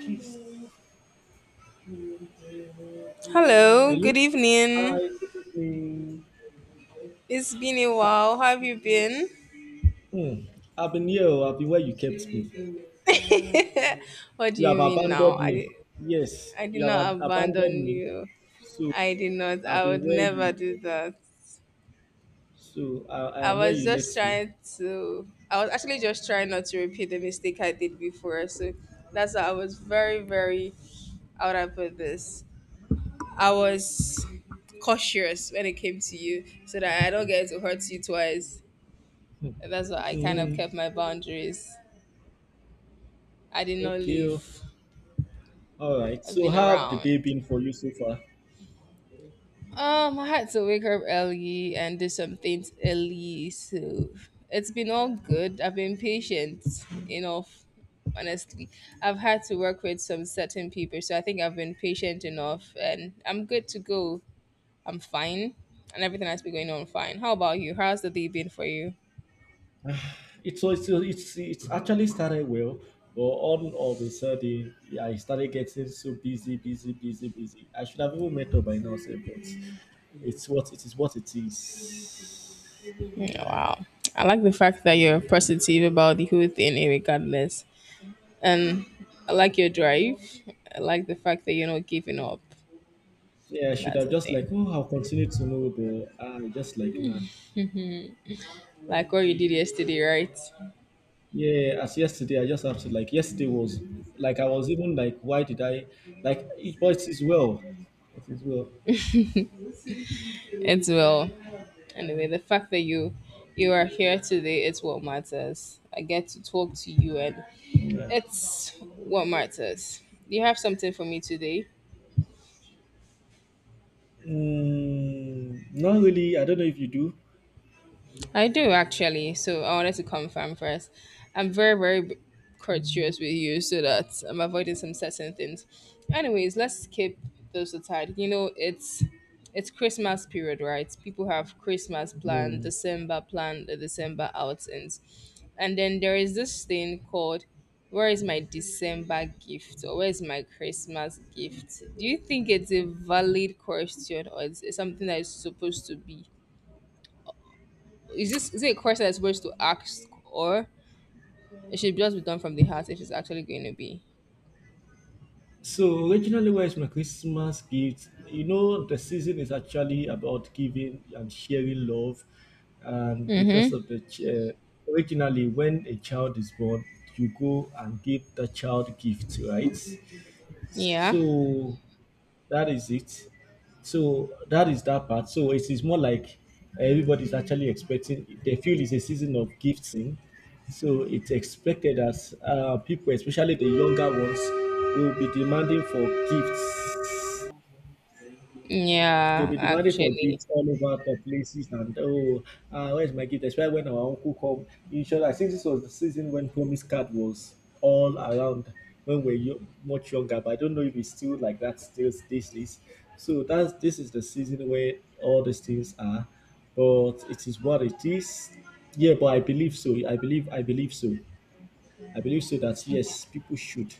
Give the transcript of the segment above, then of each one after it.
Please. Hello, Hello. good evening. Hi, good evening. It's been a Ah, while. How have you been? Hmm. I've been here. Oh, I've been where you kept me. What do You have you mean now? abandoned I did, me. Yes, I did you have not abandoned abandon me. you. So I did not. I've I been would where never you. do that. So I I am where was you just left me. trying to, I was actually just trying not to repeat the mistake I did before. So that's why I was very, very, how would I put this? I was cautious when it came to you so that I don't get to hurt you twice. That's why I kind of Hmm. kept my boundaries. I did not Okay. Oh, leave. All right. I've So been how have the around. day been for you so far? I had to wake up early and do some things early, so it's been all good. I've been patient enough, honestly. I've had to work with some certain people, so I think I've been patient enough and I'm good to go. I'm fine, and everything has been going on fine. How about you? How's the day been for you? It's so it's actually started well, but all of a sudden, yeah, I started getting so busy, busy, busy, busy. I should have even met up by now, say, but it's what it is. Yeah, wow. I like the fact that you're positive about the whole thing, eh, regardless. And I like your drive. I like the fact that you're not giving up. Yeah, I should That's have the just like, thing. oh, I'll continue to move, but I just like nah. Like what you did yesterday, right? Yeah, as yesterday, I just have to like yesterday was like I was even like, why did I like? It, but it is well, it is well. It's well. Anyway, the fact that you are here today is what matters. I get to talk to you, and Yeah. it's what matters. Do you have something for me today? Mm, not really. I don't know if you do. I do actually. So I wanted to confirm first. I'm very, very courteous with you so that I'm avoiding some certain things. Anyways, let's skip those aside. You know, it's Christmas period, right? People have Christmas plan, Hmm. December plan, the December outings. And then there is this thing called, where is my December gift or where is my Christmas gift? Do you think it's a valid question, or it's it something that is supposed to be? Is it a question that's supposed to ask, or it should just be done from the heart if it's actually going to be? So originally, where is my Christmas gift? You know, the season is actually about giving and sharing love, and because Mm-hmm. of the originally, when a child is born, you go and give the child gifts, right? Yeah. So that is it. So that is that part. So it is more like everybody's actually expecting. They feel it's a season of gifting, so it's expected as people, especially the younger ones, will be demanding for gifts. They'll Yeah, be demanding for actually. gifts all over the places and where's my gift? Especially when our uncle come. In short, I think this was the season when promise card was all around when we're much younger, but I don't know if it's still like that still these days. So that's this is the season where all these things are, but it is what it is. Yeah, but I believe so. I believe so. I believe so that yes, people should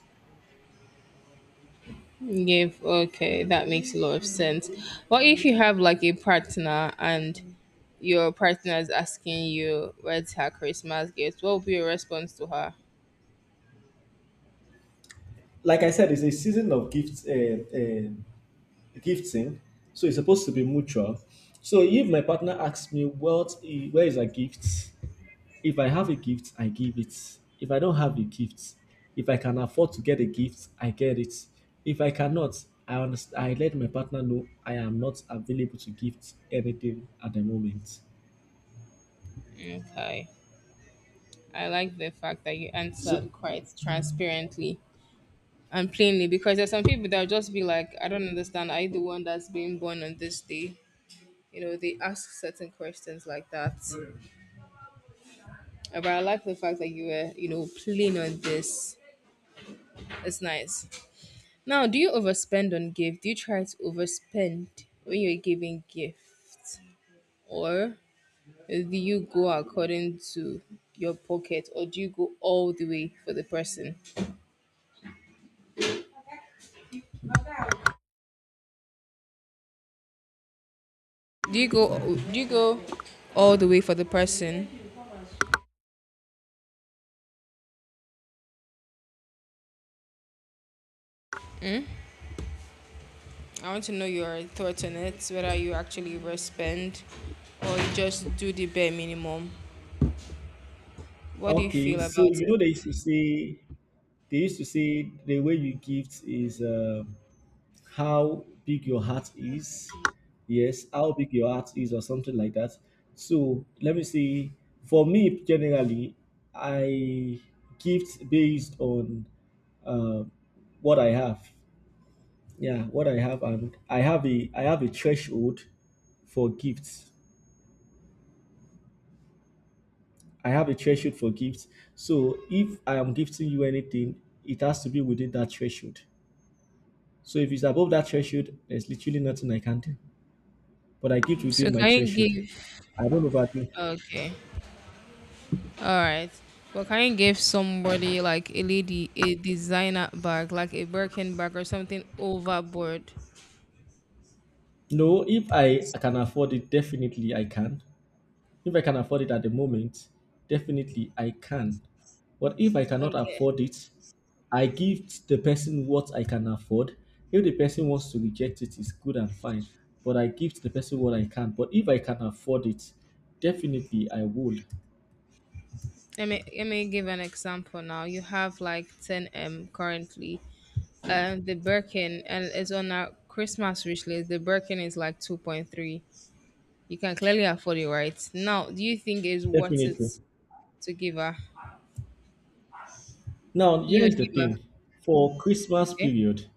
Give, okay, that makes a lot of sense. What if you have like a partner, and your partner is asking you, where's her Christmas gift? What would be your response to her? like I said, it's a season of gifts. Uh, the gift. So it's supposed to be mutual. So if my partner asks me, where is a gift? If I have a gift, I give it. If I don't have a gift, if I can afford to get a gift, I get it. If I cannot, I understand, I let my partner know I am not available to gift anything at the moment. Okay. I like the fact that you answered So quite transparently and plainly, because there's some people that will just be like, I don't understand. Are you the one that's being born on this day? You know, they ask certain questions like that. But I like the fact that you were, you know, playing on this. It's nice. Now, do you overspend on gift? Do you try to overspend when you're giving gifts, or do you go according to your pocket, or do you go all the way for the person? Do you go do you go all the way for the person? I want to know your thoughts on it, whether you actually overspend or you just do the bare minimum. What do you okay, feel so about you know they it? used to say the way you gift is. How big your heart is. Yes, how big your heart is, or something like that. So let me see. For me, generally, I gift based on uh, what I have. Yeah, what I have, and I have a threshold for gifts. I have a threshold for gifts. So if I am gifting you anything, it has to be within that threshold. So if it's above that threshold, there's literally nothing I can do. But I keep So within my can you threshold. give, I don't overdo. okay. Alright. But can you give somebody like a lady a designer bag, like a Birkin bag or something overboard? No, if I can afford it, definitely I can. If I can afford it at the moment, definitely I can. But if I cannot Okay. afford it, I give the person what I can afford. If the person wants to reject it, it's good and fine. But I give the person what I can. But if I can afford it, definitely I will. Let me give an example now. You have like 10M currently. And the Birkin, and it's on a Christmas wish list. The Birkin is like 2.3. You can clearly afford it, right? Now, do you think it's worth it Definitely. to give her? Now, You here's would the give her. thing. For Christmas Okay. period,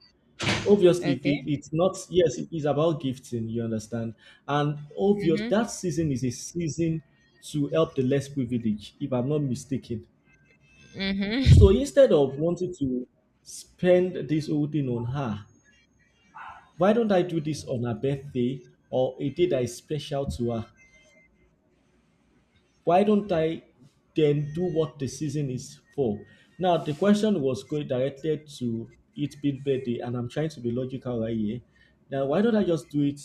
obviously Okay. It's not, yes it is about gifting, you understand, and obvious that season is a season to help the less privileged if I'm not mistaken. Mm-hmm. So instead of wanting to spend this whole thing on her, why don't I do this on her birthday, or a day that is special to her? Why don't I then do what the season is for? Now, the question was going directed to it being birthday, and I'm trying to be logical right here. Now, why don't I just do it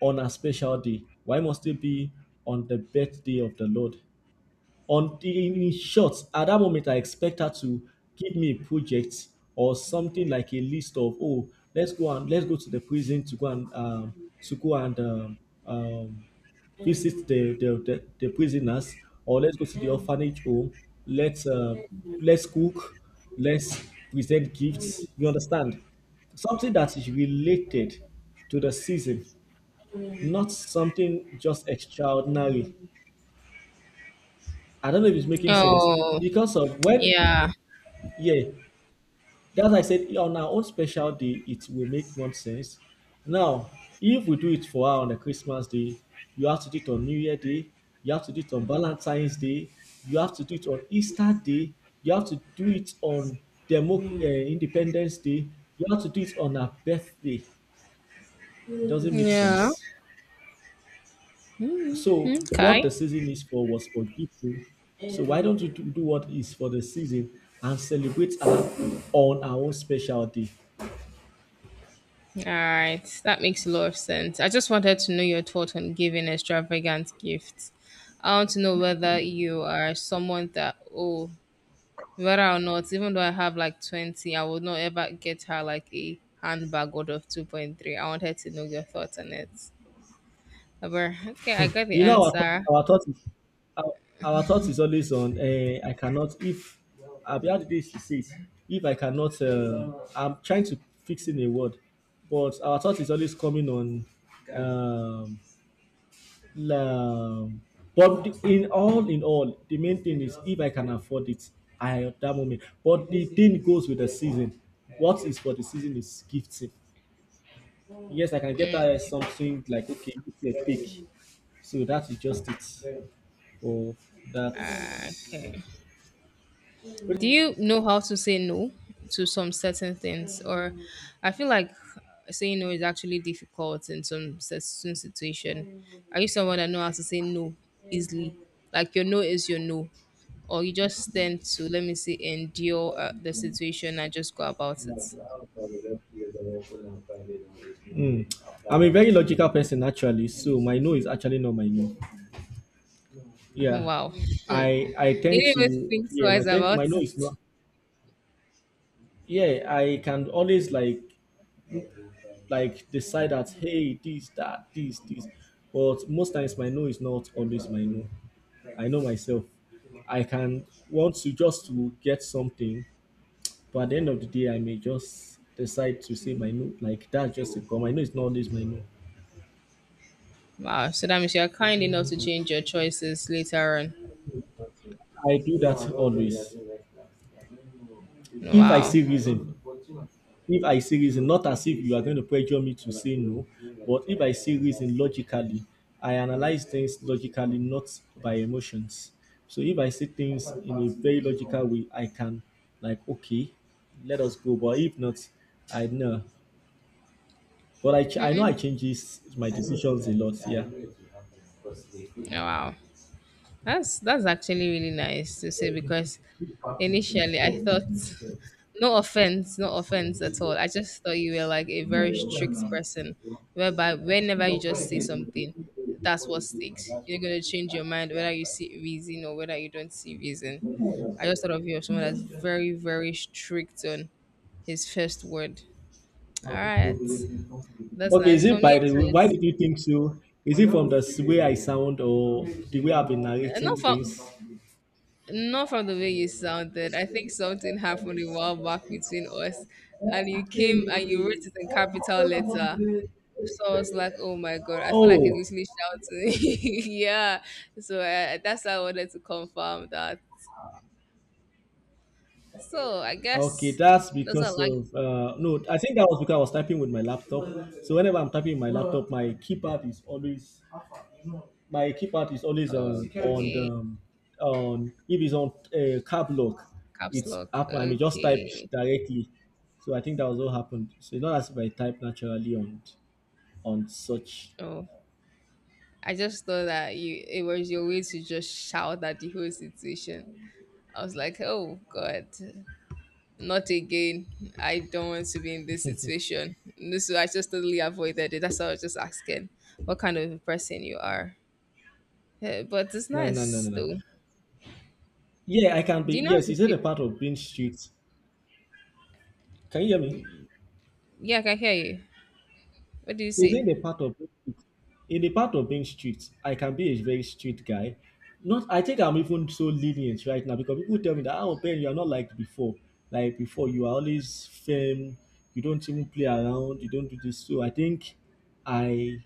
on a special day? Why must it be on the birthday of the Lord? On In short, at that moment I expect her to give me a project or something like a list of, oh, let's go and let's go to the prison to go and um, visit the prisoners, or let's go to the orphanage home, let's uh, let's cook, let's present gifts, you understand, something that is related to the season, not something just extraordinary. I don't know if it's making sense Oh, because of when, yeah. yeah, that's why I said on our own special day, it will make more sense. Now, if we do it for her on a Christmas day, you have to do it on New Year Day, you have to do it on Valentine's Day, you have to do it on Easter Day, you have to do it on Independence Day, you have to do it on her birthday. It doesn't make Yeah. sense. So what Okay. the season is for was for people. So why don't you do what is for the season and celebrate on our own special day? All right. That makes a lot of sense. I just wanted to know your thought on giving extravagant gifts. I want to know whether you are someone that, oh, whether or not, even though I have like 20, I would not ever get her like a handbag out of 2.3. I wanted to know your thoughts on it. But okay, I got the You know answer. our thought our, our thought is always on. I cannot if I've had this to say. If I cannot, I'm trying to fix in a word, but our thought is always coming on. Um, La, in all in all, the main thing is if I can afford it, I at that moment. But the thing goes with the season. What is for the season is gifting. Yes, I can get Mm, that something like okay, it's a pick. So that is just it for that. yeah. Okay. Do you know how to say no to some certain things? Or I feel like saying no is actually difficult in some certain situation. Are you someone that know how to say no easily? Like your no is your no, or you just tend to, let me say, endure the situation and just go about it? Mm. I'm a very logical person actually, so my no is actually not my no. Yeah, Wow, you didn't I tend even to, think yeah, twice my about no it. is not, yeah, I can always like decide that, hey, this this, but most times my no is not always my no. I know myself. I can want to just to get something, but at the end of the day I may just decide to say my no, like that's just it, but my no is not always my no. Wow, so that means you're kind enough to change your choices later on. I do that always. If I Wow, see reason, not as if you are going to pressure me to say no, but if I see reason logically, I analyze things logically, not by emotions. So if I see things in a very logical way, I can like okay, let us go. But if not, I know. But I know I changes my decisions a lot. Yeah. wow. that's actually really nice to say, because initially I thought, no offense, no offense at all, I just thought you were like a very strict person, whereby whenever you just say something, that's what sticks. You're gonna change your mind whether you see reason or whether you don't see reason. I just thought of you as someone that's very, very strict on his first word. All right. That's Okay, is nice. For it me by the it's, why it's did you think so? Is it from the way I sound or the way I've been narrating not for, things? not from the way you sounded. I think something happened a while back between us, and you came and you wrote it in capital letter. So I was like, "Oh my god!" I feel like it's Oh, literally shouting. Yeah. So that's why I wanted to confirm that. So I okay, guess that's those are because like, of no, I think that was because I was typing with my laptop. So whenever I'm typing with my laptop, my keypad is always on okay, on, if it's on cab lock, caps it's lock. up. I mean, just type Okay. directly. So I think that was what happened. So it's not as if I type naturally on such. Oh, I just thought that you, it was your way to just shout at the whole situation. I was like, "Oh god." Not again. I don't want to be in this situation. This, I just totally avoided it. That's why I was just asking what kind of a person you are. Eh, but it's No, no, no, nice no, no. though. Yeah, I can be. Do you know how Yes, to is it keep? a part of being street? Can you hear me? Yeah, I can hear you. What do you Is say? it a part of being street? In the part of being street, I can be a very street guy. Not, I think I'm even so lenient right now because people tell me that, oh Ben, you are not like before. Like before, you are always firm. You don't even play around. You don't do this. So I think I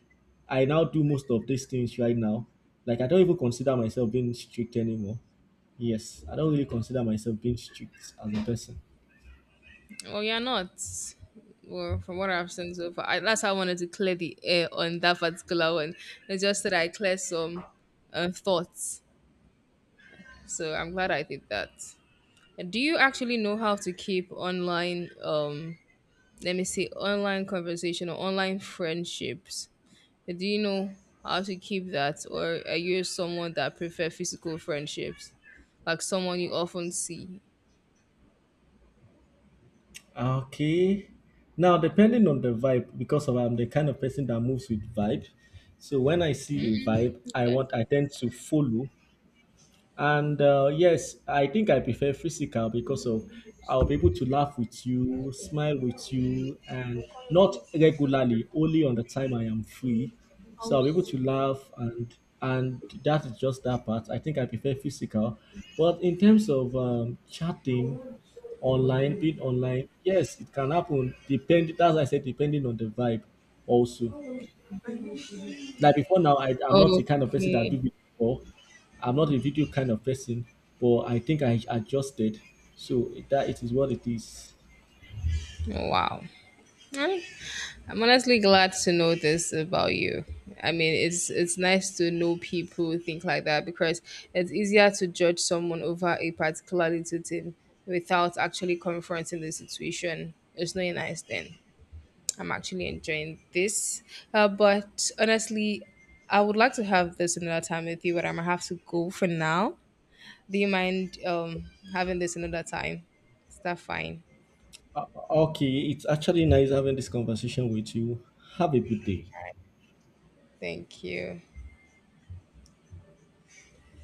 I now do most of these things right now. Like I don't even consider myself being strict anymore. Yes, I don't really consider myself being strict as a person. Well, you're not. Well, from what I've seen so far, I, that's how I wanted to clear the air on that particular one. It's just that I clear some thoughts. So I'm glad I did that. Do you actually know how to keep online, let me see, online conversation or online friendships? Do you know how to keep that, or are you someone that prefer physical friendships, like someone you often see? Okay. Now, depending on the vibe, because of I'm the kind of person that moves with vibe. So when I see a vibe, Okay. I tend to follow, and yes, I think I prefer physical because of I'll be able to laugh with you, smile with you, and not regularly, only on the time I am free. So I'll be able to laugh and that is just that part. I think I prefer physical. But in terms of chatting online, being online, yes, it can happen. Depend That's why I said depending on the vibe also. Like before now, I'm not the kind of person that do Okay. video call. I'm not a video kind of person, but I think I adjusted. So that it is what it is. Wow. Eh, I'm honestly glad to know this about you. I mean, it's nice to know people who think like that, because it's easier to judge someone over a particular little thing without actually confronting the situation. It's not a nice thing. I'm actually enjoying this. But honestly, I would like to have this another time with you, but I'm gonna have to go for now. Do you mind having this another time? Is that fine? Uh, okay, it's actually nice having this conversation with you. Have a good day. Thank you.